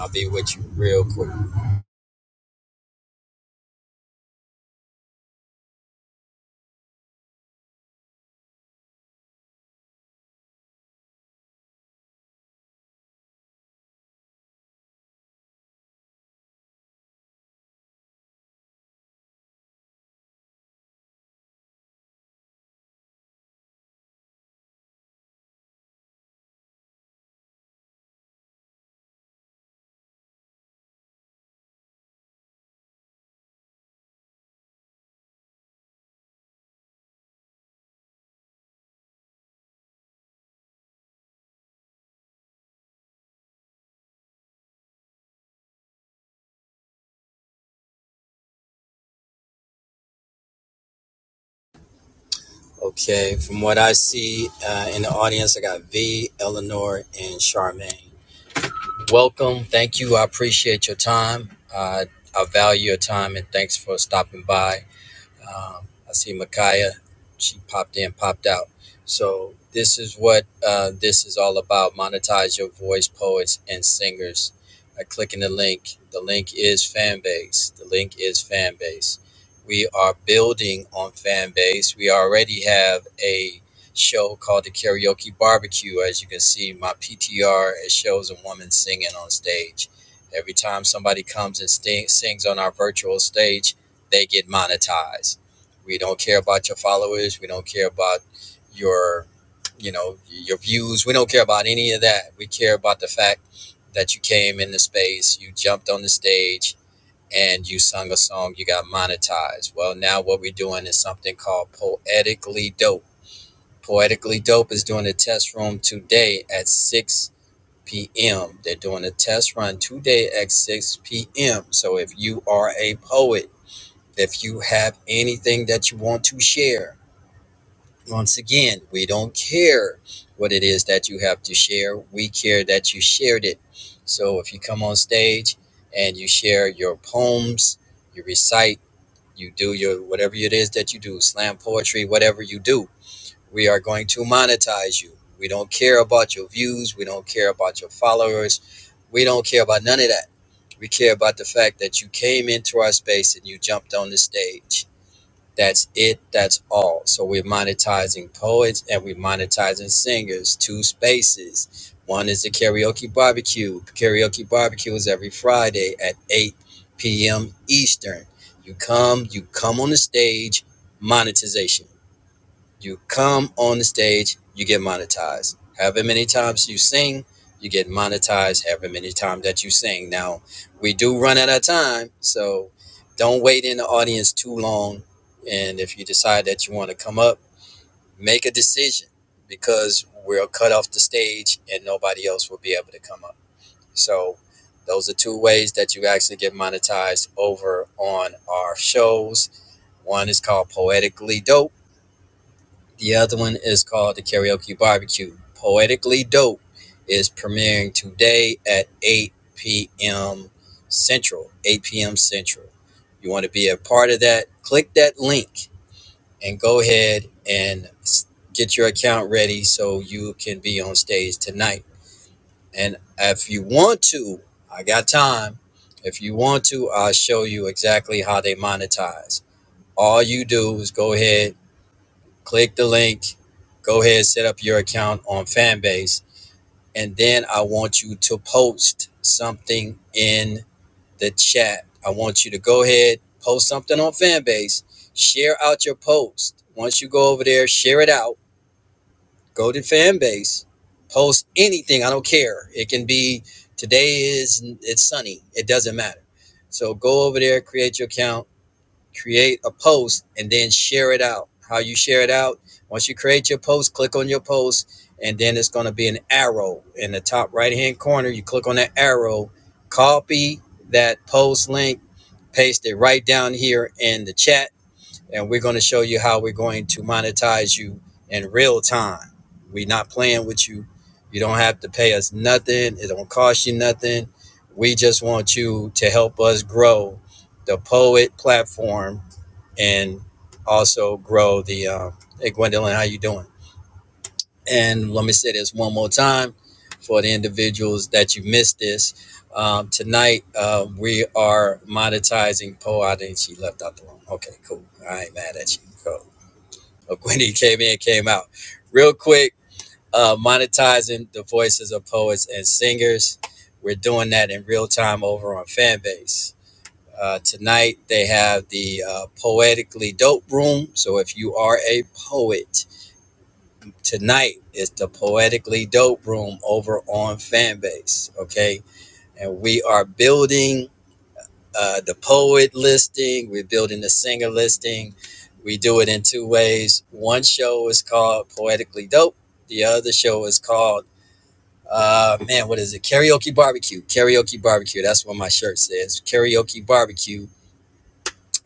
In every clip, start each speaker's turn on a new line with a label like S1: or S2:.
S1: I'll be with you real quick. Okay, from what I see uh, in the audience, I got V, Eleanor, and Charmaine. Welcome. Thank you. I appreciate your time. Uh, I value your time and thanks for stopping by. Um, I see Micaiah. She popped in, popped out. So this is what uh, this is all about. Monetize your voice, poets and singers by clicking the link. The link is fan base. The link is fan base. We are building on fan base. We already have a show called the Karaoke Barbecue. As you can see, my PTR it shows a woman singing on stage. Every time somebody comes and sting- sings on our virtual stage, they get monetized we don't care about your followers. We don't care about your, you know, your views. We don't care about any of that. We care about the fact that you came in the space, you jumped on the stage, and you sung a song. You got monetized. Well, now what we're doing is something called poetically dope. Poetically dope is doing a test room today at six p.m. They're doing a test run today at six p.m. So if you are a poet, if you have anything that you want to share once again, we don't care what it is that you have to share. We care that you shared it. So if you come on stage and you share your poems, you recite, you do your whatever it is that you do, slam poetry, whatever you do, we are going to monetize you. We don't care about your views. We don't care about your followers. We don't care about none of that. We care about the fact that you came into our space and you jumped on the stage that's it. That's all. So we're monetizing poets and we're monetizing singers. Two spaces. One is the karaoke barbecue. Karaoke barbecue is every Friday at 8 p.m. Eastern. You come, you come on the stage, monetization. You come on the stage, you get monetized. However many times you sing, you get monetized. However many times that you sing. Now, we do run out of time, so don't wait in the audience too long. And if you decide that you want to come up, make a decision because we'll cut off the stage and nobody else will be able to come up. So, those are two ways that you actually get monetized over on our shows. One is called Poetically Dope the other one is called the Karaoke Barbecue. Poetically Dope is premiering today at 8 p.m. Central. 8 p.m. Central. You want to be a part of that? Click that link and go ahead and get your account ready so you can be on stage tonight. And if you want to, I got time. If you want to, I'll show you exactly how they monetize. All you do is go ahead click the link, go ahead set up your account on Fanbase, and then I want you to post something in the chat. I want you to go ahead post something on Fanbase, share out your post. Once you go over there, share it out. Go to Fanbase, post anything. I don't care. It can be today is it's sunny. It doesn't matter. So go over there, create your account create a post and then share it out. How you share it out, once you create your post, click on your post, and then it's going to be an arrow in the top right hand corner. You click on that arrow, copy that post link, paste it right down here in the chat, and we're going to show you how we're going to monetize you in real time. We're not playing with you. You don't have to pay us nothing, it don't cost you nothing. We just want you to help us grow the Poet platform and also grow the uh, hey gwendolyn how you doing and let me say this one more time for the individuals that you missed this um, tonight uh, we are monetizing poe i think she left out the room okay cool i ain't mad at you cool oh, gwendy came in came out real quick uh, monetizing the voices of poets and singers we're doing that in real time over on fanbase uh, tonight they have the uh, Poetically Dope Room. So if you are a poet, tonight is the Poetically Dope Room over on Fanbase. Okay. And we are building uh, the poet listing, we're building the singer listing. We do it in two ways. One show is called Poetically Dope, the other show is called uh man, what is it? Karaoke barbecue. Karaoke barbecue. That's what my shirt says. Karaoke barbecue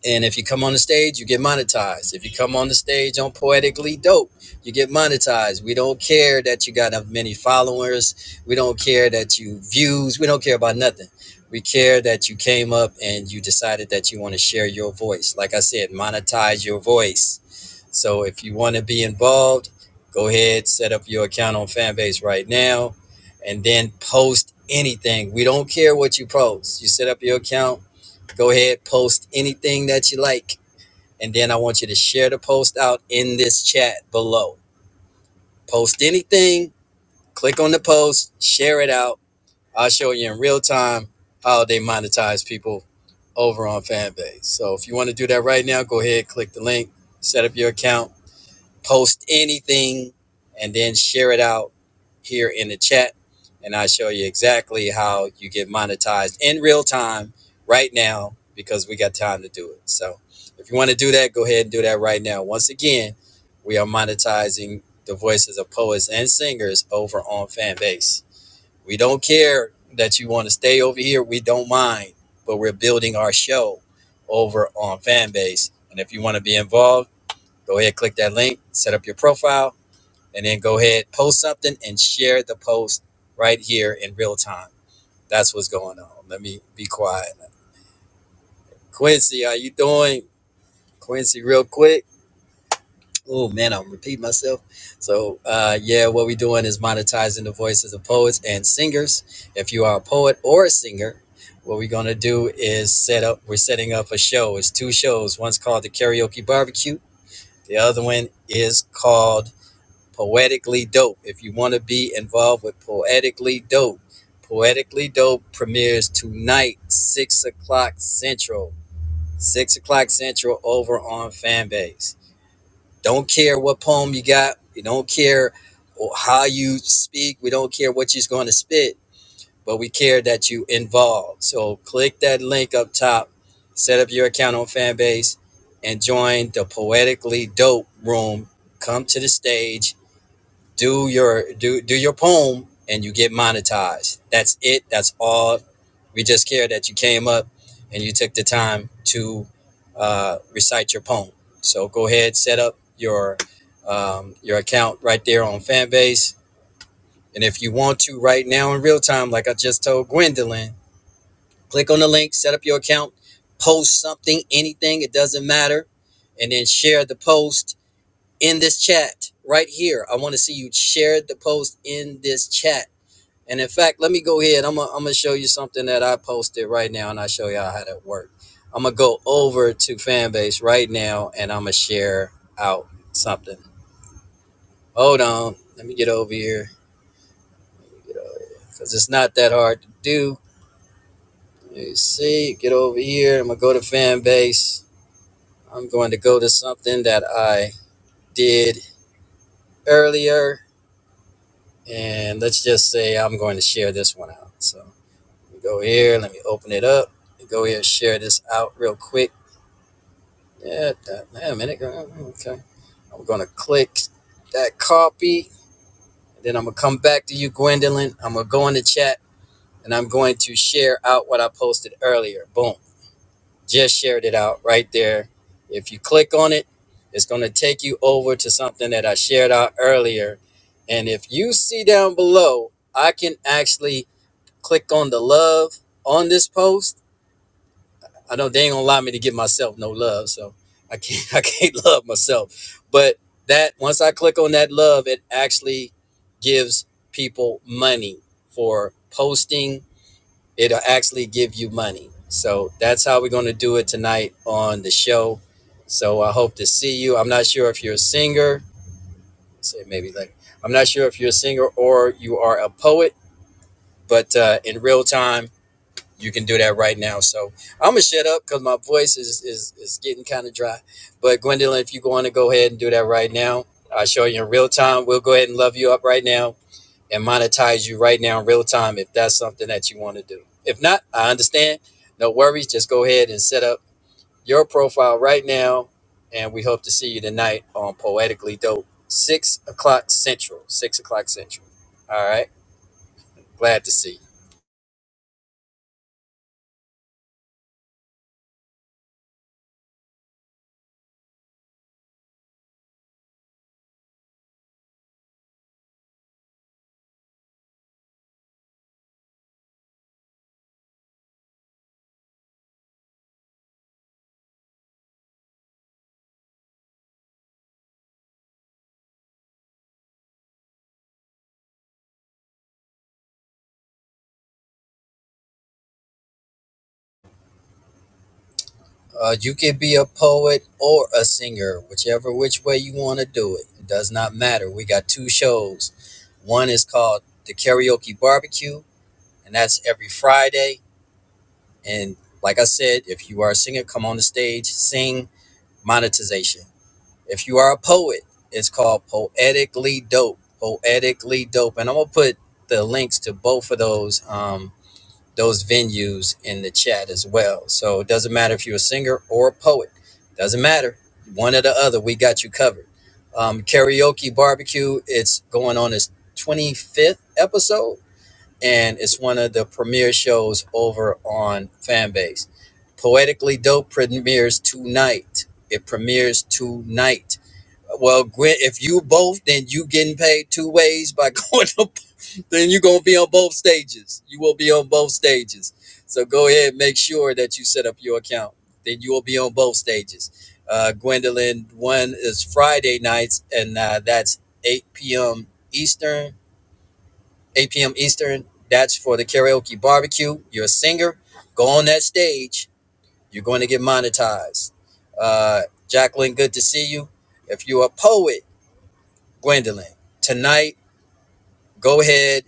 S1: And if you come on the stage, you get monetized. If you come on the stage on Poetically Dope, you get monetized. We don't care that you got many followers. We don't care that you views. We don't care about nothing. We care that you came up and you decided that you want to share your voice. Like I said, monetize your voice. So if you want to be involved, go ahead, set up your account on Fanbase right now and then post anything. We don't care what you post. You set up your account Go ahead, post anything that you like. And then I want you to share the post out in this chat below. Post anything, click on the post, share it out. I'll show you in real time how they monetize people over on Fanbase. So if you want to do that right now, go ahead, click the link, set up your account post anything and then share it out here in the chat and I'll show you exactly how you get monetized in real time right now because we got time to do it. So if you want to do that, go ahead and do that right now. Once again, we are monetizing the voices of poets and singers over on Fanbase. We don't care that you want to stay over here. We don't mind, but we're building our show over on Fanbase. And if you want to be involved, Go ahead, click that link, set up your profile, and then go ahead, post something and share the post right here in real time. That's what's going on. Let me be quiet. Quincy, how you doing? Quincy, real quick. Oh man, I'm repeating myself. So uh, yeah, what we're doing is monetizing the voices of poets and singers. If you are a poet or a singer, what we're gonna do is set up. We're setting up a show. It's two shows. One's called the Karaoke Barbecue. The other one is called Poetically Dope. If you want to be involved with Poetically Dope, Poetically Dope premieres tonight, 6 o'clock Central. 6 o'clock Central over on Fanbase. Don't care what poem you got. We don't care or how you speak. We don't care what you're going to spit, but we care that you involved. So click that link up top, set up your account on Fanbase, and join the Poetically Dope room. Come to the stage do your do do your poem and you get monetized that's it that's all we just care that you came up and you took the time to uh, recite your poem so go ahead set up your um, your account right there on fanbase and if you want to right now in real time like i just told gwendolyn click on the link set up your account post something anything it doesn't matter and then share the post in this chat right here. I want to see you share the post in this chat. And in fact, let me go ahead. I'm gonna I'm gonna show you something that I posted right now, and I'll show y'all how that works. I'm gonna go over to Fanbase right now, and I'm gonna share out something. Hold on, let me get over here. cause it's not that hard to do. Let see. Get over here. I'm gonna go to Fanbase. I'm going to go to something that I did earlier And let's just say I'm going to share this one out. So let go here. Let me open it up. Go here, share this out real quick. Yeah, that, yeah, a minute. Okay. I'm going to click that copy. Then I'm going to come back to you, Gwendolyn. I'm going to go in the chat and I'm going to share out what I posted earlier. Boom. Just shared it out right there. If you click on it, it's going to take you over to something that I shared out earlier. And if you see down below, I can actually Click on the love on this post. I know they ain't gonna allow me to give myself no love, so I can't I can't love myself. But that once I click on that love, it actually gives people money for posting. It'll actually give you money. So that's how we're gonna do it tonight on the show. So I hope to see you. I'm not sure if you're a singer. Say maybe later. I'm not sure if you're a singer or you are a poet, but uh, in real time You can do that right now. So I'm gonna shut up because my voice is is, is getting kind of dry. But Gwendolyn, if you want to go ahead and do that right now, I'll show you in real time. We'll go ahead and love you up right now and monetize you right now in real time if that's something that you want to do. If not, I understand. No worries. Just go ahead and set up your profile right now, and we hope to see you tonight on Poetically Dope, six o'clock central. Six o'clock central. All right. Glad to see you. Uh, you can be a poet or a singer, whichever which way you want to do it. It does not matter. We got two shows. One is called the Karaoke Barbecue, and that's every Friday. And like I said, if you are a singer, come on the stage, sing. Monetization. If you are a poet, it's called Poetically Dope. Poetically Dope, and I'm gonna put the links to both of those. Um, those venues in the chat as well. So it doesn't matter if you're a singer or a poet. Doesn't matter. One or the other, we got you covered. Um, karaoke barbecue, it's going on its 25th episode, and it's one of the premier shows over on Fanbase. Poetically Dope premieres tonight. It premieres tonight. Well, Gwen, if you both, then you getting paid two ways by going to then you're going to be on both stages. You will be on both stages. So go ahead, and make sure that you set up your account. Then you will be on both stages. Uh, Gwendolyn, one is Friday nights, and uh, that's 8 p.m. Eastern. 8 p.m. Eastern. That's for the karaoke barbecue. You're a singer. Go on that stage. You're going to get monetized. Uh, Jacqueline, good to see you. If you're a poet, Gwendolyn, tonight Go ahead,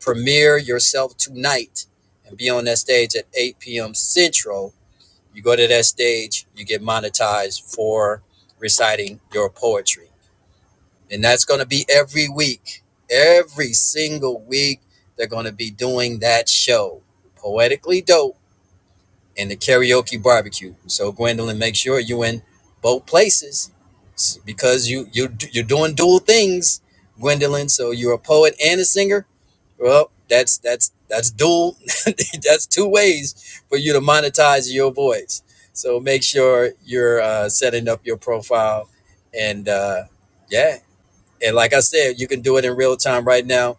S1: premiere yourself tonight and be on that stage at 8 p.m. Central. You go to that stage, you get monetized for reciting your poetry. And that's going to be every week. Every single week, they're going to be doing that show, Poetically Dope and the Karaoke Barbecue. So, Gwendolyn, make sure you in both places because you, you, you're doing dual things, Gwendolyn. So, you're a poet and a singer well, that's that's that's dual. that's two ways for you to monetize your voice. So make sure you're uh, setting up your profile, and uh, yeah, and like I said, you can do it in real time right now.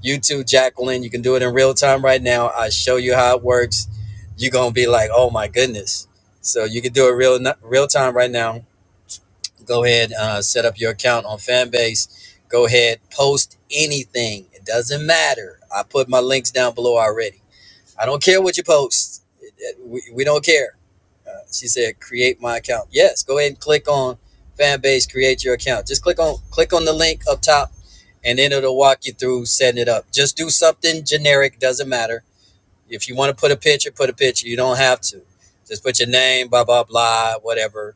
S1: You too, Jacqueline. You can do it in real time right now. I show you how it works. You're gonna be like, oh my goodness. So you can do it real real time right now go ahead uh, set up your account on fanbase go ahead post anything it doesn't matter i put my links down below already i don't care what you post It- it- we, we don't care uh, she said create my account yes go ahead and click on fanbase create your account just click on click on the link up top and then it'll walk you through setting it up just do something generic doesn't matter if you want to put a picture put a picture you don't have to just put your name blah blah blah whatever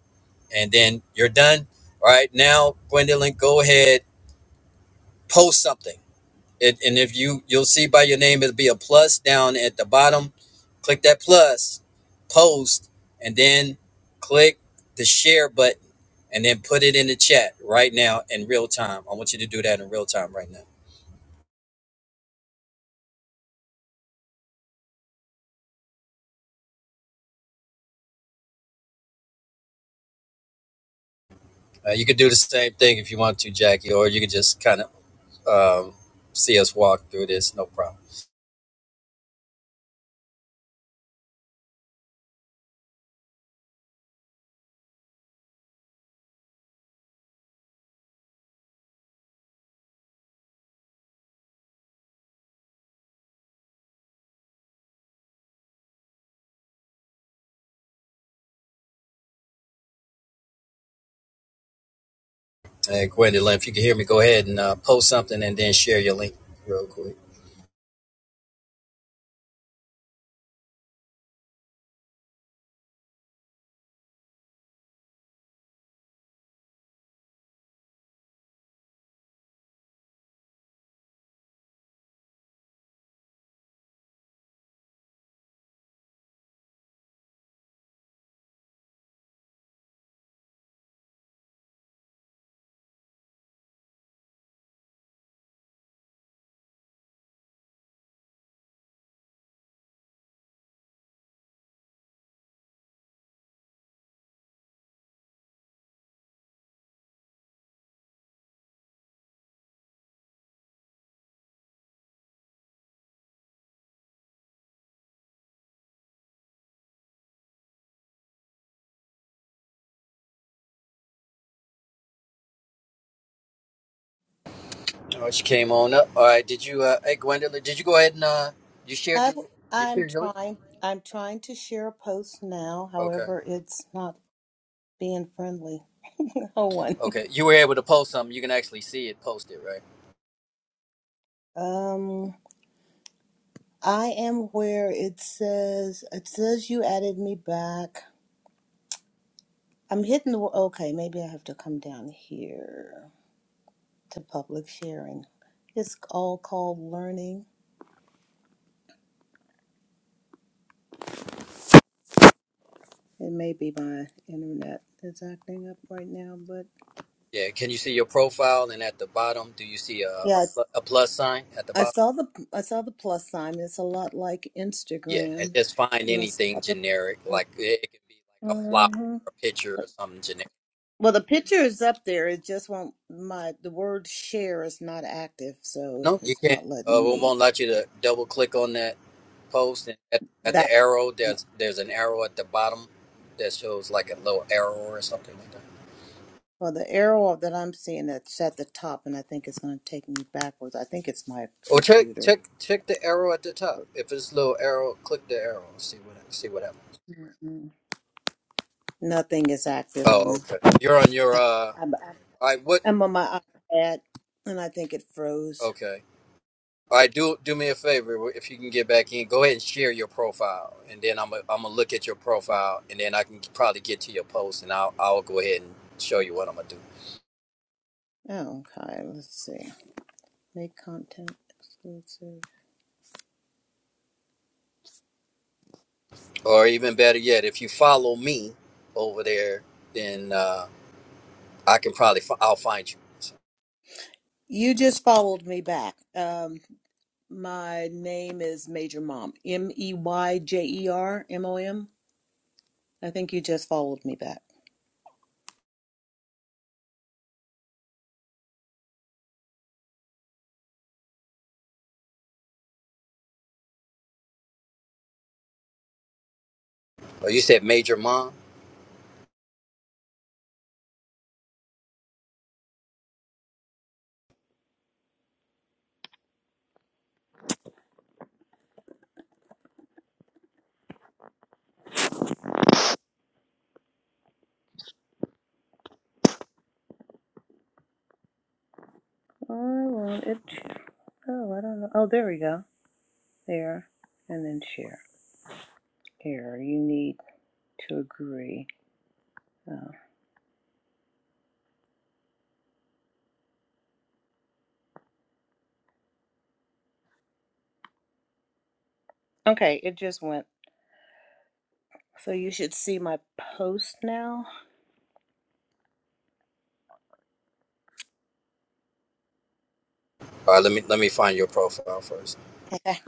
S1: and then you're done. All right, now Gwendolyn, go ahead, post something. It, and if you you'll see by your name, it'll be a plus down at the bottom. Click that plus, post, and then click the share button, and then put it in the chat right now in real time. I want you to do that in real time right now. Uh, you could do the same thing if you want to, Jackie, or you could just kind of um, see us walk through this, no problem. And Gwendolyn, if you can hear me, go ahead and uh, post something and then share your link real quick. Oh, she came on up. All right. Did you, uh, hey, Gwendolyn, did you go ahead and, uh, you shared
S2: I,
S1: your, you
S2: am
S1: shared your link?
S2: trying. I'm trying to share a post now.
S1: Okay.
S2: However, it's not being friendly. No one.
S1: Okay. You were able to post something. You can actually see it posted, right?
S2: Um, I am where it says. It says you added me back. I'm hitting the. Okay, maybe I have to come down here to public sharing. It's all called learning. It may be my internet is acting up right now, but
S1: Yeah. Can you see your profile? And at the bottom, do you see a, a,
S2: yeah.
S1: pl- a plus sign at the
S2: I
S1: bottom?
S2: saw the I saw the plus sign. It's a lot like
S1: Yeah. And
S2: Instagram,
S1: just find
S2: and I saw
S1: anything
S2: the.
S1: generic. Like it, it can be like a flower,
S2: Mhm.
S1: a picture, or
S2: But,
S1: something generic.
S2: well, the picture is up there. It just won't. My the word share is not active, so
S1: No, you
S2: it's
S1: can't.
S2: not
S1: Uh,
S2: letting
S1: we
S2: me.
S1: won't let you to double click on that post. And at, at the
S2: That
S1: arrow,
S2: no.
S1: there's, there's an arrow at the bottom that shows like a little arrow or something like that.
S2: well, the arrow that I'm seeing that's at the top, and I think it's going to take me backwards. I think it's my
S1: Well, check
S2: computer.
S1: check check the arrow at the top. If it's a little arrow, click the arrow. and See what see what happens.
S2: Mhm. Nothing is active
S1: Oh,
S2: on.
S1: okay. You're on your uh.
S2: I'm,
S1: I what?
S2: I'm on my iPad, and I think it froze.
S1: Okay. All right. Do do me a favor if you can get back in. Go ahead and share your profile, and then I'm i I'm gonna look at your profile, and then I can probably get to your post, and I'll I'll go ahead and show you what I'm gonna do.
S2: Oh, okay. Let's see. Make content exclusive.
S1: Or even better yet, if you follow me over there, then uh, I can probably fi- I'll find you. So,
S2: You just followed me back. Um, my name is Major Mom. M E Y J E R M O M. I think you just followed me back.
S1: oh, you said Major Mom.
S2: Oh, well, it. Oh, I don't know. Oh, there we go. There, and then share. Here, you need to agree. Oh. Okay, it just went. So you should see my post now.
S1: All right. Let me let me find your profile first.
S2: Okay,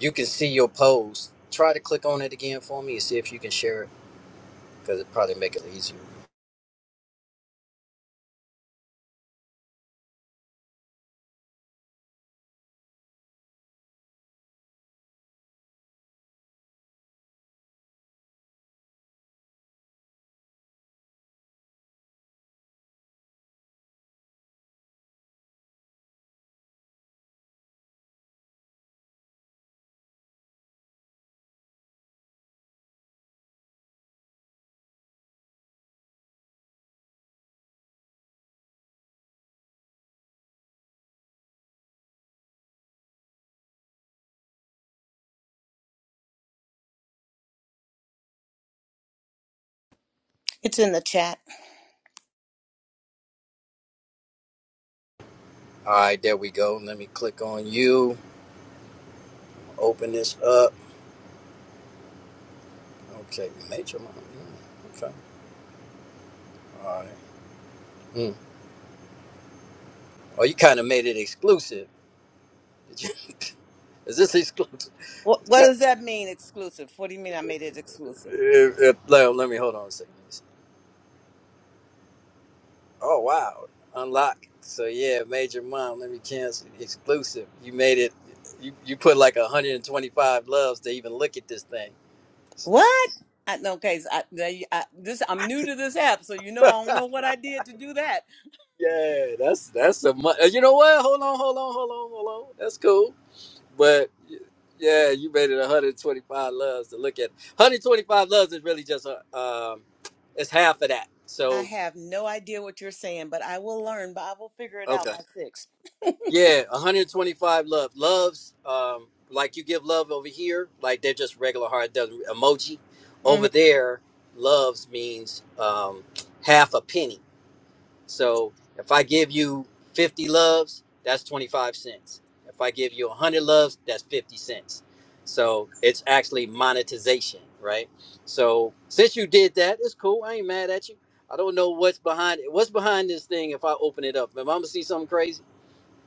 S1: You can see your post. Try to click on it again for me and see if you can share it because it probably make it easier.
S2: it's in the chat.
S1: All right, there we go. Let me click on you. Open this up. Okay, you Mom. your Mm, Okay, all right. Mm. Oh, you kind of made it exclusive. Did you- Is this exclusive?
S2: What What does that mean? Exclusive? What do you mean? I made it exclusive?
S1: If- if- let, let me hold on a second. Let me see. Oh wow, unlock. So yeah, major mom. Let me cancel exclusive. You made it. You you put like 125 loves to even look at this thing. So.
S2: What? I, okay, so I, they- I, this I'm new to this app, so you know I don't know what I did to do that.
S1: Yeah, that's that's a mu- uh, you know what? Hold on, hold on, hold on, hold on. That's cool, but y- yeah, you made it 125 loves to look at. 125 loves is really just a, um, it's half of that.
S2: I
S1: So
S2: have no idea what you're saying, but I will learn. But I will figure it out
S1: okay,
S2: by 6
S1: yeah, 125 love loves um like you give love over here, like they're just regular heart doesn't emoji.
S2: hmm
S1: Over there, loves means um half a penny. So if I give you 50 loves, that's 25 cents. If I give you 100 loves, that's 50 cents. So it's actually monetization, right? So since you did that, it's cool. I ain't mad at you. I don't know what's behind it. What's behind this thing if I open it up? Am I gonna see something crazy?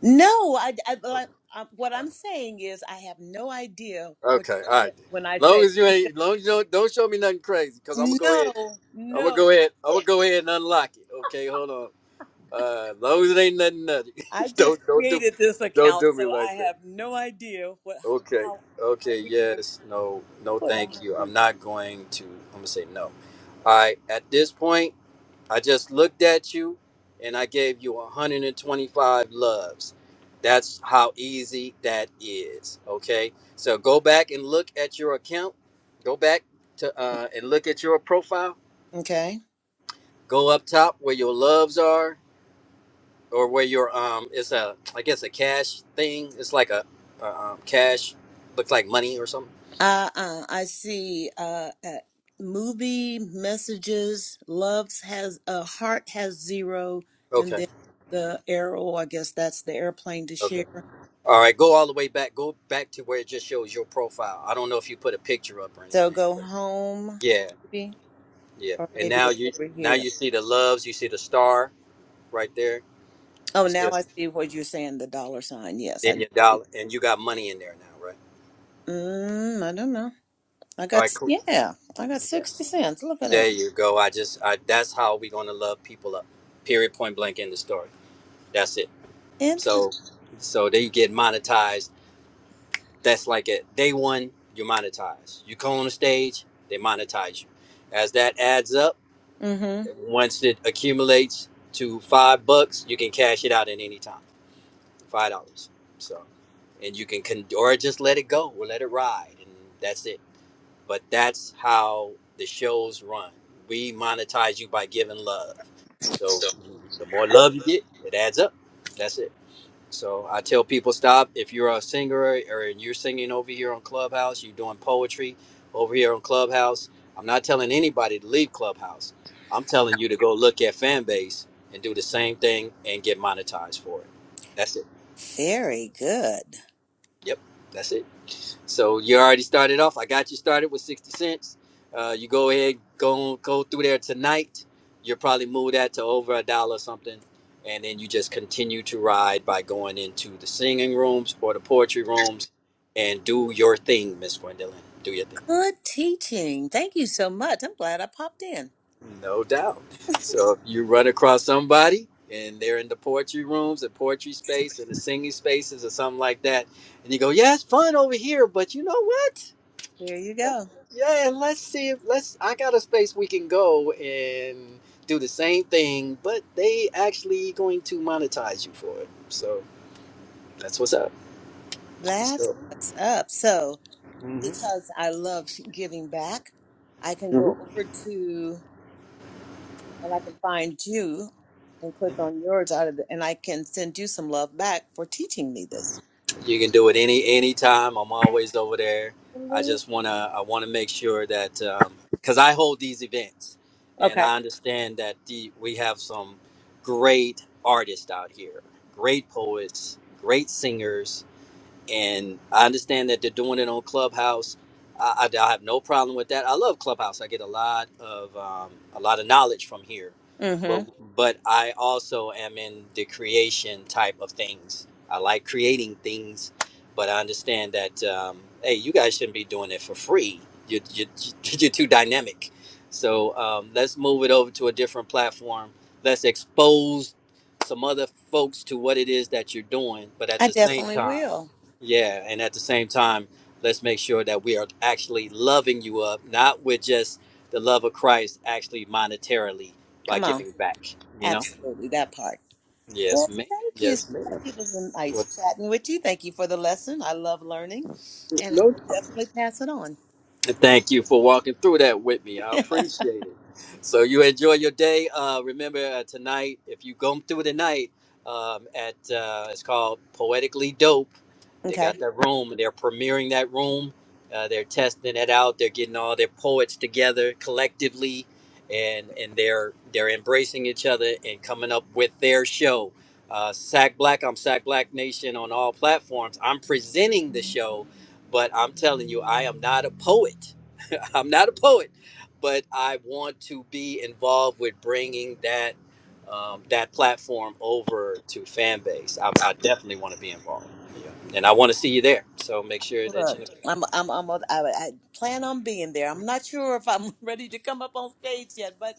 S2: No, I, I, like, I what I'm saying is I have no idea what
S1: Okay, all right.
S2: when I
S1: Long
S2: say
S1: as you ain't long as you don't, don't show me nothing crazy, because I'm gonna go ahead.
S2: no,
S1: I'm gonna
S2: no.
S1: go ahead. I'm gonna go ahead and unlock it. Okay, hold on. Uh long as it ain't nothing nutty.
S2: I just
S1: don't don't do
S2: created this
S1: don't
S2: account,
S1: do me
S2: so I
S1: like that.
S2: have no idea what
S1: Okay.
S2: how how
S1: Okay.
S2: we even
S1: Yes. No. No.
S2: put a
S1: Thank you.
S2: hundred.
S1: I'm not going to. I'm gonna say no. All right. At this point, I just looked at you, and I gave you 125 loves. That's how easy that is. Okay. So go back and look at your account. Go back to uh, and look at your profile.
S2: Okay.
S1: Go up top where your loves are, or where your um. It's a I guess a cash thing. It's like a uh, um, cash. Looks like money or something.
S2: Uh, uh, I see uh, uh, movie messages. Loves has a uh, heart has zero,
S1: Okay.
S2: and then the arrow. I guess that's the airplane to
S1: Okay.
S2: share.
S1: All right, go all the way back. Go back to where it just shows your profile. I don't know if you put a picture up or
S2: So
S1: anything,
S2: go
S1: but
S2: home,
S1: yeah,
S2: maybe,
S1: yeah.
S2: or
S1: And
S2: maybe
S1: now
S2: it's
S1: you
S2: over
S1: now
S2: here.
S1: you see the loves. You see the star right there.
S2: Oh,
S1: You see
S2: now I
S1: us,
S2: see what you're saying. The dollar sign.
S1: and
S2: Yes, I
S1: then
S2: do.
S1: your
S2: see
S1: dollar, and you got money in there now, right?
S2: that. Mm, I don't know. I
S1: All
S2: got
S1: right,
S2: s-
S1: cool.
S2: yeah. I got
S1: Yeah.
S2: sixty cents. Look at there.
S1: There you go. I just I that's how we gonna love people up. Period. Point blank. End the story. That's it.
S2: Interesting.
S1: So so they get monetized. That's like it. Day one, you monetize. You go on the stage, they monetize you. As that adds up
S2: Mm-hmm.
S1: Once it accumulates to five bucks, you can cash it out at any time, five dollars. So, and you can con- or just let it go or let it ride, and that's it. But that's how the shows run. We monetize you by giving love. So, the more love you get, it adds up. That's it. So I tell people stop. If you're a singer or you're singing over here on Clubhouse, you're doing poetry over here on Clubhouse. I'm not telling anybody to leave Clubhouse. I'm telling you to go look at Fanbase and do the same thing and get monetized for it. That's it.
S2: Very good.
S1: Yep. That's it. So you already started off. I got you started with 60 cents. Uh, you go ahead, go go through there tonight. You'll probably move that to over a dollar or something. And then you just continue to ride by going into the singing rooms or the poetry rooms and do your thing, Miss Gwendolyn. Do your thing.
S2: Good teaching. Thank you so much. I'm glad I popped in.
S1: No doubt. So if you run across somebody and they're in the poetry rooms the poetry space and the singing spaces or something like that, and you go, Yeah, it's fun over here, but you know what?
S2: There you
S1: Let's-
S2: go.
S1: yeah, let's see if let's. I got a space we can go and do the same thing, but they actually going to monetize you for it. So that's what's up.
S2: That's
S1: So
S2: what's up. So, because I love giving back, I can
S1: Mhm.
S2: go over to and I can find you and click on yours out of the, and I can send you some love back for teaching me this.
S1: you can do it any any time. I'm always over there. I
S2: Absolutely.
S1: just wanna I wanna make sure that um, because I hold these events, and
S2: Okay.
S1: I understand that the we have some great artists out here, great poets, great singers and I understand that they're doing it on Clubhouse. I, I, I have no problem with that. I love Clubhouse. I get a lot of um, a lot of knowledge from here,
S2: Mm-hmm.
S1: but but I also am in the creation type of things. I like creating things, but I understand that um, hey, you guys shouldn't be doing it for free. You you you're too dynamic. So um, let's move it over to a different platform. Let's expose some other folks to what it is that you're doing, but at
S2: I
S1: the same
S2: definitely
S1: time.
S2: will.
S1: Yeah, and at the same time, let's make sure that we are actually loving you up, not with just the love of Christ, actually monetarily by
S2: Come on.
S1: giving back. You know?
S2: Absolutely. That part. Well,
S1: Yes, ma'am.
S2: thank you. so
S1: Yes,
S2: much. It was nice
S1: ma'am.
S2: chatting with you. Thank you for the lesson. I love learning and I will definitely pass it on.
S1: Thank you for walking through that with me. I appreciate it. So you enjoy your day. Uh, remember uh, tonight, if you go through the night, um, at uh, it's called Poetically Dope. They got
S2: okay.
S1: that room. They're premiering that room. Uh, they're testing it out. They're getting all their poets together collectively, and and they're they're embracing each other and coming up with their show. Uh, Sack Black, I'm Sack Black Nation on all platforms. I'm presenting the show, but I'm telling you, I am not a poet. I'm not a poet, but I want to be involved with bringing that um, that platform over to fan base. I, I definitely want to be involved, and I want to see you there. So make sure that
S2: Look,
S1: you.
S2: I'm I'm I'm I, I plan on being there. I'm not sure if I'm ready to come up on stage yet, but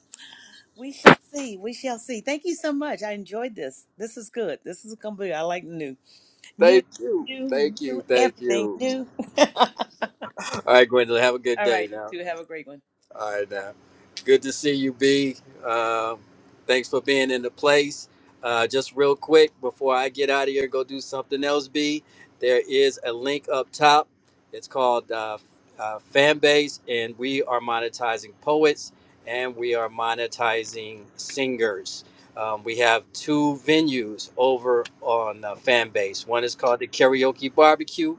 S2: we shall see. We shall see. Thank you so much. I enjoyed this. This is good. This is gonna be. I like new, new,
S1: Thank you,
S2: new,
S1: thank you,
S2: new
S1: thank
S2: everything
S1: you.
S2: new. All
S1: All right, Gwendolyn, have a good day
S2: right, you
S1: now.
S2: two have a great one.
S1: All right, now. Good to see you, B. Um, thanks for being in the place. Uh, just real quick before I get out of here, go do something else, B. There is a link up top. It's called uh, uh, Fanbase, and we are monetizing poets and we are monetizing singers. Um, we have two venues over on uh, Fanbase. One is called the Karaoke Barbecue.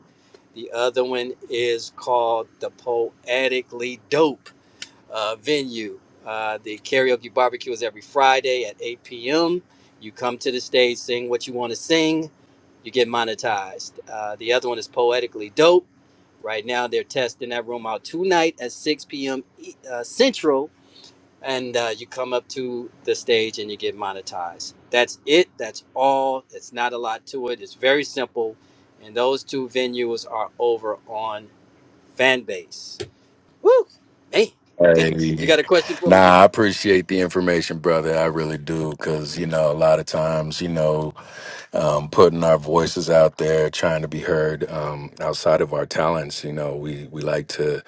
S1: The other one is called the Poetically Dope uh, venue. Uh, the karaoke barbecue is every Friday at 8 p.m. You come to the stage, sing what you want to sing, you get monetized. Uh, the other one is Poetically Dope. Right now, they're testing that room out tonight at 6 p.m. E- Uh, Central, and uh, you come up to the stage and you get monetized. That's it. That's all. It's not a lot to it. It's very simple. And those two venues are over on Fanbase. Woo! Man, goodness. You
S3: Hey,
S1: got a question for me?
S3: nah, I appreciate the information, brother. I really do, because you know, a lot of times, you know, um, putting our voices out there, trying to be heard um, outside of our talents. You know, we we like to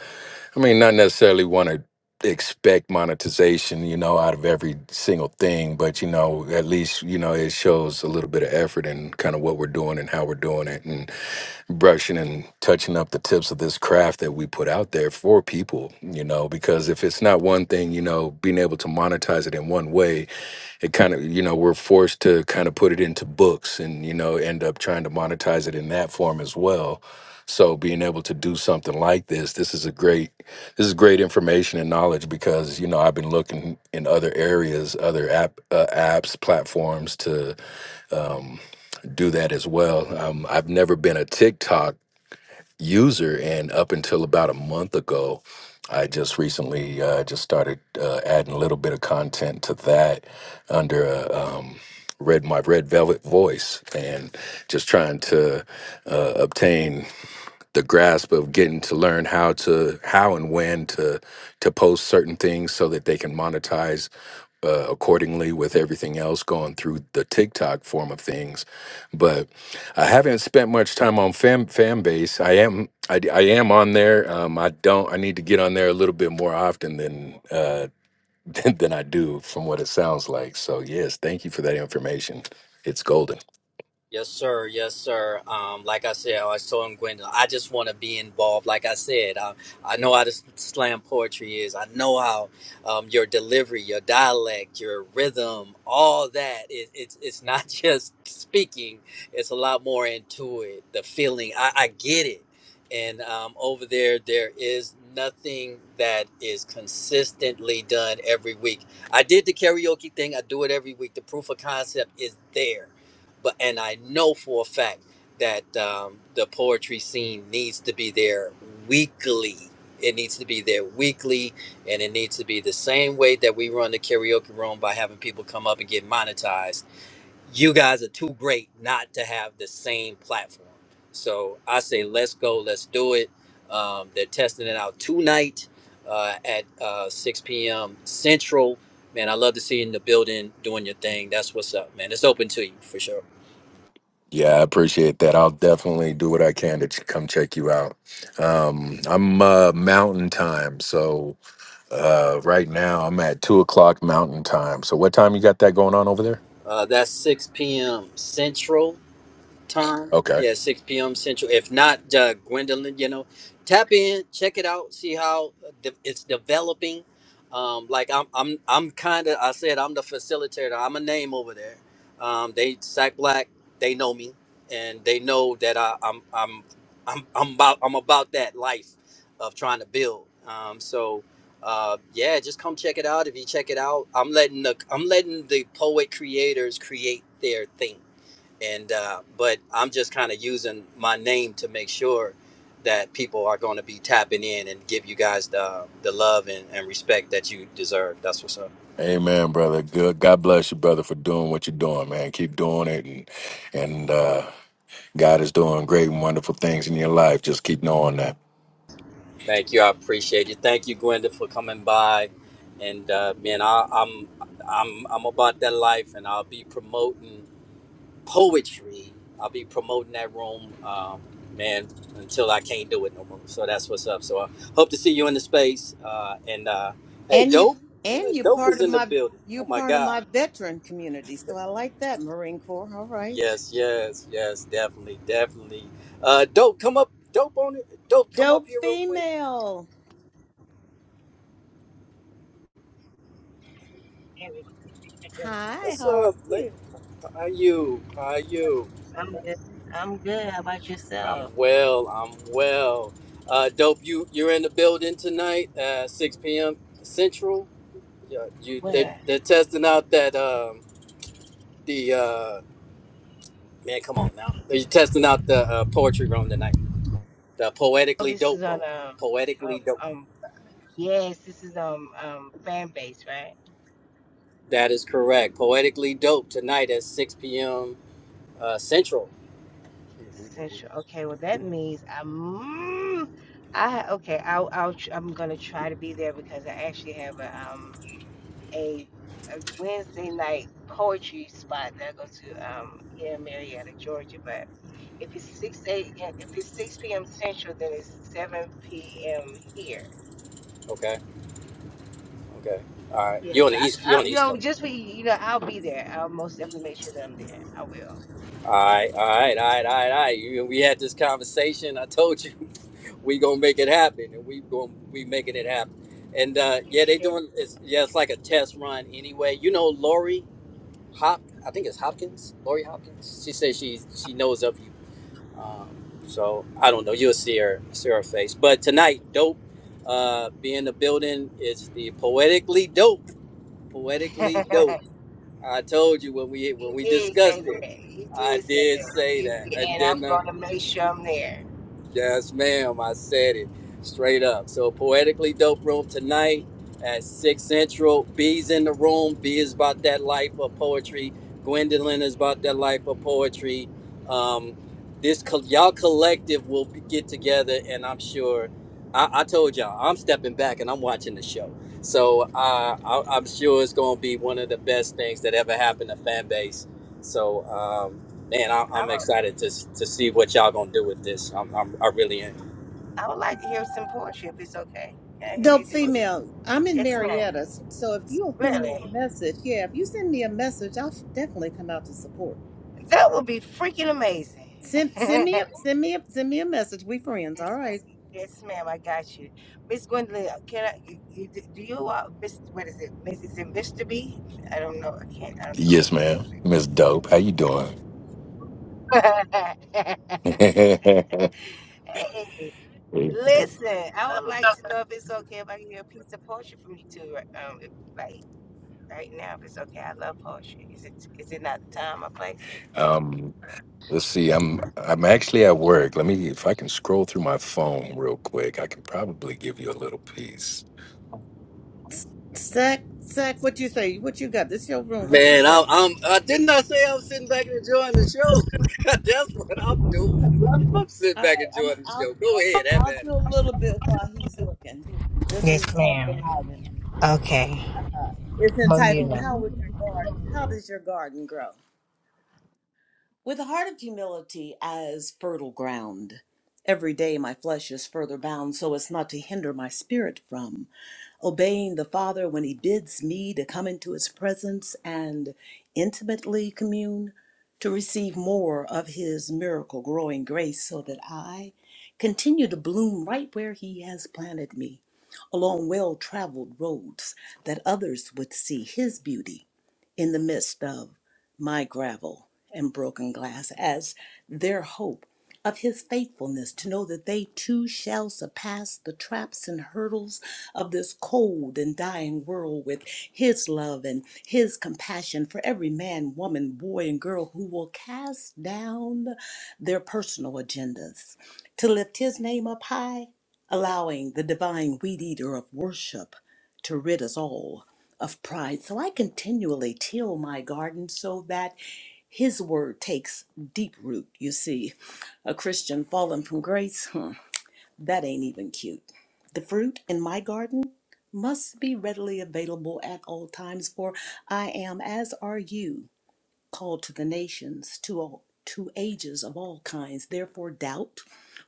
S3: I mean, not necessarily want to expect monetization, you know, out of every single thing, but you know, at least you know it shows a little bit of effort and kind of what we're doing and how we're doing it, and brushing and touching up the tips of this craft that we put out there for people, you know, because if it's not one thing, you know, being able to monetize it in one way it kind of you know we're forced to kind of put it into books and you know end up trying to monetize it in that form as well so being able to do something like this this is a great this is great information and knowledge because you know i've been looking in other areas other app uh, apps platforms to um, do that as well um, i've never been a tiktok user. And up until about a month ago, I just recently uh, just started uh, adding a little bit of content to that under a, um, red my red velvet voice and just trying to uh, obtain the grasp of getting to learn how to how and when to to post certain things so that they can monetize uh, accordingly with everything else going through the TikTok form of things. But I haven't spent much time on fan fan base. I am I, d- I am on there. Um, I don't. I need to get on there a little bit more often than uh, than, than I do, from what it sounds like. So yes, thank you for that information. It's golden.
S1: Yes, sir. Yes, sir. Um, like I said, I was telling Gwendolyn, I just want to be involved. Like I said, I, I know how this slam poetry is. I know how um, your delivery, your dialect, your rhythm, all that. It, it's it's not just speaking. It's a lot more into it. The feeling, I, I get it. And um, over there, there is nothing that is consistently done every week. I did the karaoke thing. I do it every week. The proof of concept is there but and I know for a fact that um, the poetry scene needs to be there weekly. It needs to be there weekly, and it needs to be the same way that we run the karaoke room by having people come up and get monetized. You guys are too great not to have the same platform. So I say, let's go, let's do it. Um, they're testing it out tonight uh, at uh, 6 p.m. Central. Man, I love to see you in the building doing your thing. That's what's up, man. It's open to you for sure.
S3: Yeah, I appreciate that. I'll definitely do what I can to ch- come check you out. Um, I'm uh, mountain time, so uh, right now I'm at two o'clock mountain time. So what time you got that going on over there?
S1: Uh, that's 6 p.m. Central time.
S3: Okay.
S1: Yeah, 6 p.m. Central. If not, uh, Gwendolyn, you know, tap in, check it out, see how uh, de- it's developing. Um, like I'm, I'm, I'm kind of. I said I'm the facilitator. I'm a name over there. Um, they Sack Black. They know me, and they know that I, I'm, I'm, I'm, I'm about, I'm about that life of trying to build. Um, so. Uh, yeah, just come check it out. If you check it out, I'm letting the I'm letting the poet creators create their thing and uh, but I'm just kind of using my name to make sure that people are going to be tapping in and give you guys the the love and, and respect that you deserve. That's what's up.
S3: Amen, brother. Good. God bless you, brother, for doing what you're doing, man. Keep doing it, and and uh, God is doing great and wonderful things in your life. Just keep knowing that.
S1: Thank you. I appreciate you. Thank you, Gwenda, for coming by. And uh, man, I, I'm I'm I'm about that life, and I'll be promoting. poetry. I'll be promoting that room, um, man, until I can't do it no more. So that's what's up. So I hope to see you in the space. Uh, and uh, hey,
S2: And you
S1: dope,
S2: and you're
S1: dope
S2: part
S1: is
S2: of
S1: in the
S2: my
S1: building.
S2: you're
S1: Oh my
S2: part of
S1: God.
S2: my veteran community. So I like that, Marine Corps. All right.
S1: Yes, yes, yes, definitely, definitely. Uh, dope, come up, dope on it. Dope, come up
S2: Dope
S1: here real quick.
S2: female.
S4: There we go.
S2: Hi,
S1: What's
S2: how are
S1: up, lady?
S2: you?
S1: How are you? How are you?
S4: I'm good. I'm good. How about
S1: I'm
S4: yourself?
S1: well. I'm well. Uh, dope, you you're in the building tonight, uh, 6 p.m. Central. Yeah, you they
S4: Where?
S1: they're testing out that um the uh man, come on now. They're testing out the uh, poetry room tonight. The
S4: Oh,
S1: poetically
S4: this
S1: dope
S4: is on
S1: room.
S4: um um
S1: Poetically dope.
S4: um yes, this is um um fan base, right?
S1: That is correct. Poetically dope tonight at six p.m. Uh, Central.
S4: Central. Okay, well that means I'm I ha- okay. I'll I'll tr- I'm gonna try to be there because I actually have a um a, a Wednesday night poetry spot that I go to um here in Marietta, Georgia, but. If it's six eight, if it's six p.m. Central, then it's seven p.m. here.
S1: Okay. Okay. All right.
S4: Yeah,
S1: You on
S4: so
S1: the
S4: I,
S1: east? You
S4: I,
S1: on the
S4: you
S1: east
S4: know,
S1: coast?
S4: just for you, you know, I'll be there. I'll most definitely make sure that I'm there. I will.
S1: All right. All right. All right. All right. All right. You, we had this conversation. I told you we gonna make it happen, and we going we making it happen. And uh,
S4: You
S1: yeah, they
S4: sure?
S1: doing it's yeah, it's like a test run anyway. You know, Lori. Hop, I think it's Hopkins, Lori Hopkins. She says she she knows of you. Um, so I don't know. You'll see her see her face. But tonight, dope. Uh, be in the building is the poetically dope. Poetically dope. I told you when we
S4: he
S1: when we
S4: did
S1: discussed
S4: say that.
S1: it.
S4: He
S1: I
S4: did say
S1: did
S4: that.
S1: say
S4: You,
S1: that, and
S4: and
S1: then
S4: I'm
S1: uh,
S4: going to make sure I'm there.
S1: Yes, ma'am. I said it straight up. So, poetically dope room tonight at six central. B's in the room. B is about that life of poetry. Gwendolyn is about that life of poetry. Um, this co- y'all collective will be, get together, and I'm sure. I, I told y'all I'm stepping back and I'm watching the show, so uh, I, I'm sure it's gonna be one of the best things that ever happened to fan base. So. Um, Man, I,
S4: I
S1: I'm
S4: would,
S1: excited to to see what y'all gonna do with this. I'm, I'm I really am.
S4: I would like to hear some poetry if it's okay. Yeah,
S2: Dope
S4: Is it,
S2: female, I'm in
S4: yes, ma'am.
S2: Marietta, so if you'll send me a
S4: Really?
S2: message, yeah, if you send me a message, I'll definitely come out to support.
S4: That would be freaking amazing.
S2: Send send me a
S4: yes,
S2: send me a send me a message. We friends, all
S4: ma'am.
S2: right.
S4: Yes, ma'am. I got you, Miss Gwendolyn. uh, Can I? you- you- Do you? Uh, Miss, what is it? Miss, is it Mr. B? I don't know. I can't. I don't know.
S3: Yes, ma'am.
S4: We'll fix
S3: Miss
S4: it.
S3: Dope, how you doing?
S4: hey, listen, I would like to know if it's okay if I can get a piece of poetry from you too, right- um, if, like right now, if it's okay. I love poetry. Is it is it not the time or place?
S3: um, Let's see. I'm I'm actually at work. Let me if I can scroll through my phone real quick. I can probably give you a little piece.
S2: S- Sack sack, what you say? What you got? This your room. What you
S1: Man, I'm,
S2: say?
S1: I'm I didn't I say I'm sitting back and enjoying the show. That's what I'm doing. I'm sitting
S2: All right,
S1: back
S2: I'm
S1: enjoying the
S2: I'll
S1: show. Go
S2: I'll
S1: ahead, have
S2: I'll
S1: at
S2: do
S1: it.
S2: a little bit while he's looking. This
S4: Yes,
S2: is off the
S4: ma'am.
S2: noggin.
S4: Okay.
S2: Uh, it's entitled
S4: Bermuda.
S2: "How Would Your Garden? How Does Your Garden Grow?" With a heart of humility as fertile ground, every day my flesh is further bound so as not to hinder my spirit from obeying the Father when he bids me to come into his presence and intimately commune, to receive more of his miracle growing grace so that I continue to bloom right where he has planted me, along well traveled roads that others would see his beauty in the midst of my gravel and broken glass as their hope of his faithfulness to know that they too shall surpass the traps and hurdles of this cold and dying world with his love and his compassion for every man, woman, boy, and girl who will cast down their personal agendas to lift his name up high, allowing the divine weed eater of worship to rid us all of pride. So I continually till my garden so that his word takes deep root. You see, a Christian fallen from grace, hmm, that ain't even cute. The fruit in my garden must be readily available at all times, for I am, as are you, called to the nations, to all to ages of all kinds. Therefore, doubt.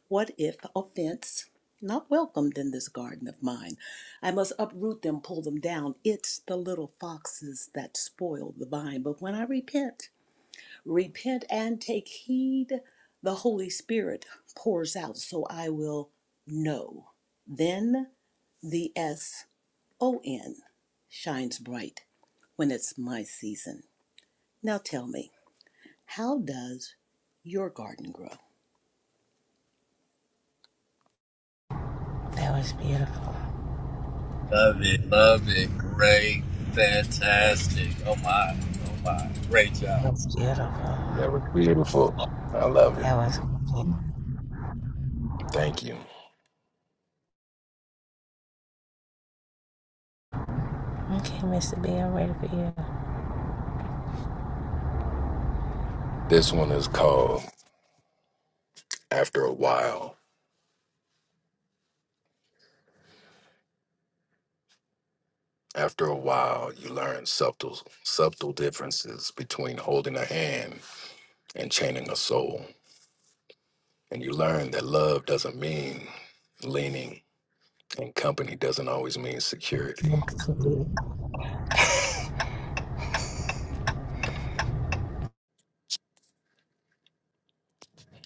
S2: What if offense not welcomed in this garden of mine? I must uproot them, pull them down. It's the little foxes that spoil the vine. But when I repent, repent and take heed, the Holy Spirit pours out, so I will know. Then the S O N shines bright when it's my season. Now tell me, how does your garden grow?
S4: That was beautiful.
S1: Love it, love it. Great, fantastic. Oh my, oh my. Great job.
S4: That was beautiful.
S3: That was beautiful. I love it.
S4: That was beautiful.
S3: Thank you.
S4: Okay, Mr. B, I'm ready for you.
S3: This one is called After a While. After a while, you learn subtle subtle differences between holding a hand and chaining a soul. And you learn that love doesn't mean leaning and company doesn't always mean security.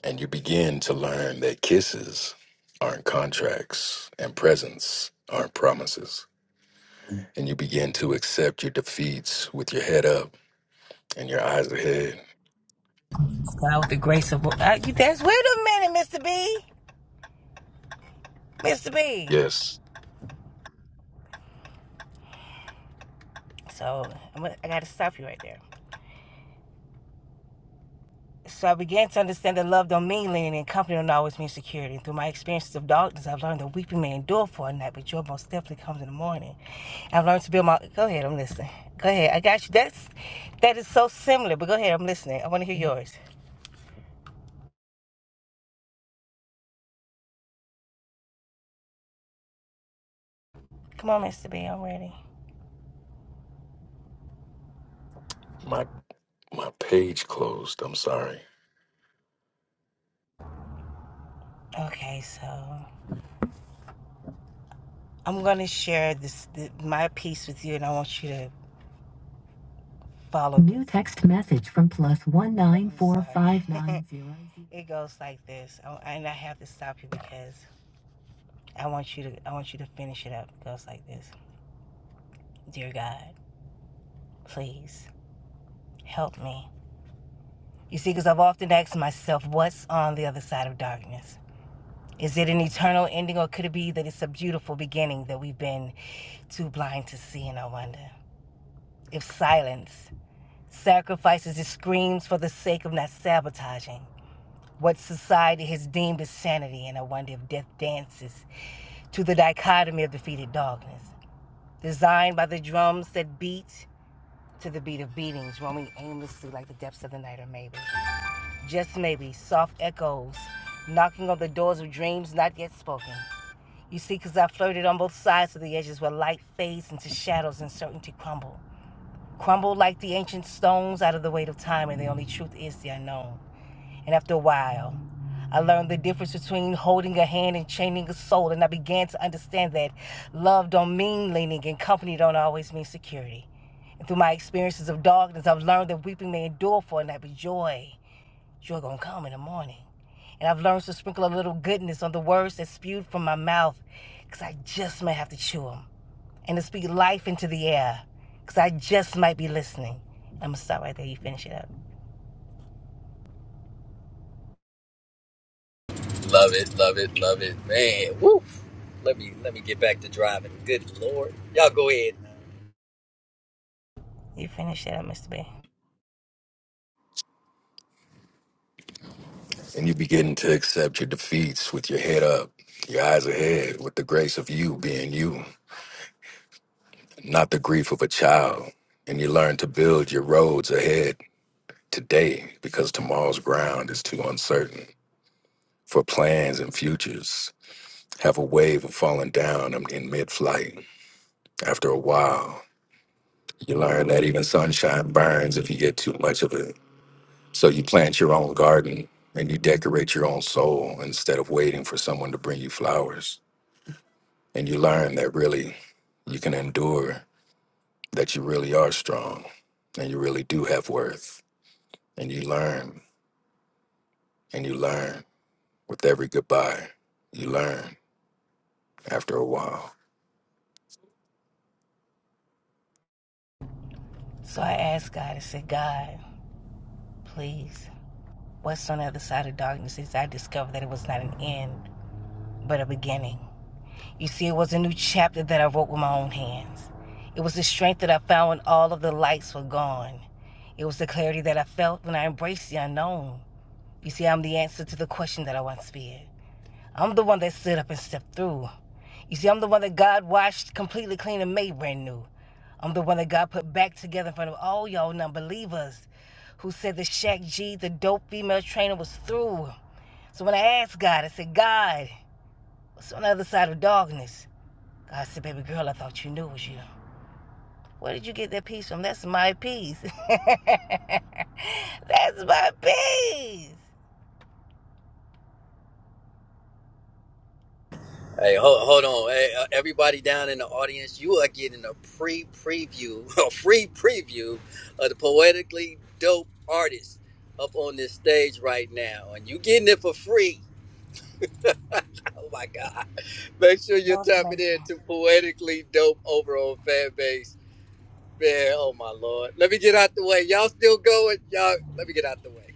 S3: And you begin to learn that kisses aren't contracts and presents aren't promises. And you begin to accept your defeats with your head up and your eyes ahead.
S4: God, with the grace of uh, you, that's wait a minute, Mr. B. Mr. B.
S3: Yes,
S4: So I'm gonna, I gotta stop you right there. So I began to understand that love don't mean lean and company don't always mean security. And through my experiences of darkness, I've learned that weeping may endure for a night, but joy most definitely comes in the morning. I've learned to build my. Go ahead, I'm listening. Go ahead, I got you. That's that is so similar. But go ahead, I'm listening. I want to hear yours. Come on, Mr. B, I'm ready.
S3: my my page closed. I'm sorry.
S4: Okay, so I'm gonna share this th my piece with you, and I want you to follow. New text message from plus one nine four five nine zero. It goes like this, I- and I have to stop you because I want you to I want you to finish it up. It goes like this. Dear God, please help me. You see, because I've often asked myself, what's on the other side of darkness? Is it an eternal ending or could it be that it's a beautiful beginning that we've been too blind to see and I wonder? If silence sacrifices its screams for the sake of not sabotaging what society has deemed as sanity, and I wonder if death dances to the dichotomy of defeated darkness, designed by the drums that beat to the beat of beatings roaming aimlessly like the depths of the night or maybe just maybe soft echoes knocking on the doors of dreams not yet spoken you see, 'cause i flirted on both sides of the edges where light fades into shadows and certainty crumble crumbled like the ancient stones out of the weight of time, and the only truth is the unknown. And after a while, I learned the difference between holding a hand and chaining a soul, and I began to understand that love don't mean leaning and company don't always mean security. And through my experiences of darkness, I've learned that weeping may endure for a night, but joy you're going to come in the morning. And I've learned to sprinkle a little goodness on the words that spewed from my mouth, 'cause I just might have to chew 'em, And to speak life into the air, 'cause I just might be listening. I'm going to stop right there. You finish it up.
S1: Love it, love it, love it. Man, woo. Let me let me get back to driving. Good lord, y'all go ahead.
S4: You finish it up, Mr. B.
S3: And you begin to accept your defeats with your head up, your eyes ahead, with the grace of you being you, not the grief of a child. And you learn to build your roads ahead today because tomorrow's ground is too uncertain for plans and futures. have a wave of falling down in in mid-flight. After a while, you learn that even sunshine burns if you get too much of it. So you plant your own garden and you decorate your own soul instead of waiting for someone to bring you flowers. And you learn that really you can endure, that you really are strong and you really do have worth. And you learn and you learn with every goodbye. You learn after a while.
S4: So I asked God, I said, God, please, what's on the other side of darkness is I discovered that it was not an end, but a beginning. You see, it was a new chapter that I wrote with my own hands. It was the strength that I found when all of the lights were gone. It was the clarity that I felt when I embraced the unknown. You see, I'm the answer to the question that I once feared. I'm the one that stood up and stepped through. You see, I'm the one that God washed completely clean and made brand new. I'm the one that God put back together in front of all y'all non believers who said that Shaq G, the dope female trainer, was through. So when I asked God, I said, God, what's on the other side of darkness? I said, baby girl, I thought you knew it was you. Where did you get that piece from? That's my piece. That's my piece.
S1: Hey, hold, hold on. Hey, uh, everybody down in the audience, you are getting a pre preview, a free preview of the poetically dope artist up on this stage right now. And you getting it for free. Oh my God. Make sure
S4: That
S1: you're
S4: was
S1: tapping
S4: amazing.
S1: in to poetically dope over on fan base. Man, oh my Lord. Let me get out the way. Y'all still going? Y'all, let me get out the way.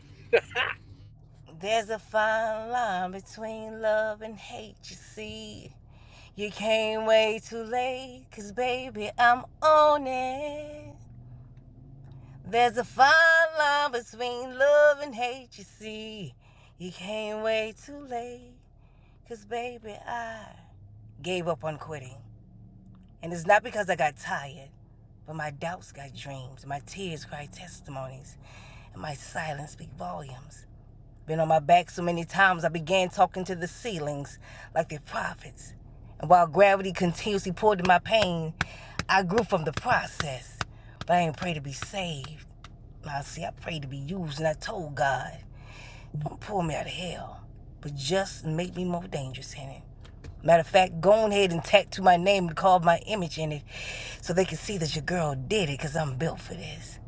S4: There's a fine line between love and hate, you see. You came way too late, cause baby, I'm on it. There's a fine line between love and hate, you see. You came way too late, cause baby, I gave up on quitting. And it's not because I got tired, but my doubts got dreams, my tears cry testimonies, and my silence speak volumes. Been on my back so many times I began talking to the ceilings like the prophets. And while gravity continuously pulled at my pain, I grew from the process. But I ain't pray to be saved. Now see, I prayed to be used and I told God, don't pull me out of hell, but just make me more dangerous in it. Matter of fact, go on ahead and tattoo my name and carve my image in it so they can see that your girl did it because I'm built for this.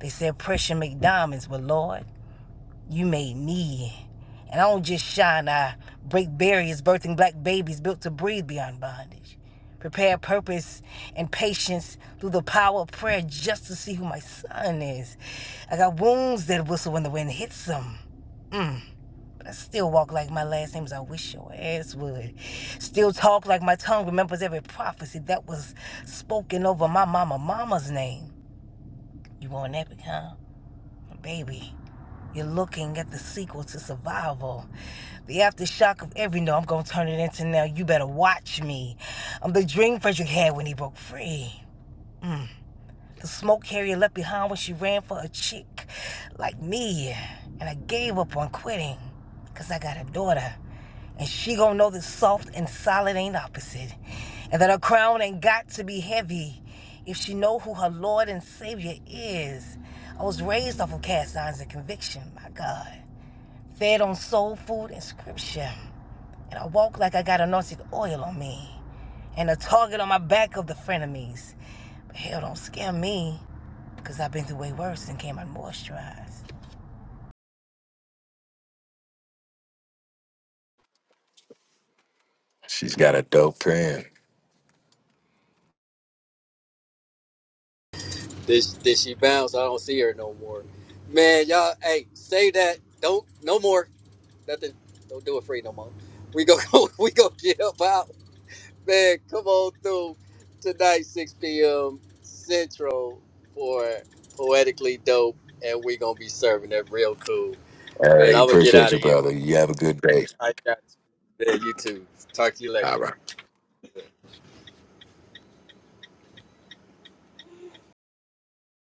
S4: They said pressure make diamonds, but Lord, you made me. And I don't just shine, I break barriers, birthing black babies built to breathe beyond bondage. Prepare purpose and patience through the power of prayer just to see who my son is. I got wounds that whistle when the wind hits them I still walk like my last name is I wish your ass would. Still talk like my tongue remembers every prophecy that was spoken over my mama mama's name. You want epic, huh? Baby, you're looking at the sequel to Survival. The aftershock of every no, I'm gonna turn it into now. You better watch me. I'm the dream Frederick had when he broke free. The smoke Harriet left behind when she ran for a chick like me. And I gave up on quitting because I got a daughter. And she gonna know that soft and solid ain't opposite. And that her crown ain't got to be heavy if she know who her Lord and Savior is. I was raised off of cast irons and conviction, my God. Fed on soul food and scripture. And I walk like I got anointed oil on me. And a target on my back of the frenemies. But hell don't scare me, because I've been through way worse and came out moisturized.
S3: She's got a dope pen.
S1: This, did did she bounce? I don't see her no more. Man, y'all, hey, say that. Don't, no more. nothing. Don't do it free no more. We go. we go get up out, man. Come on through tonight, 6 p.m. Central for poetically dope, and we gonna be serving it real cool, man.
S3: Hey,
S1: I'm gonna get
S3: appreciate
S1: out
S3: you,
S1: of here.
S3: brother. You have a good day.
S1: All right, guys. Yeah, you too. Talk to you later.
S3: All right.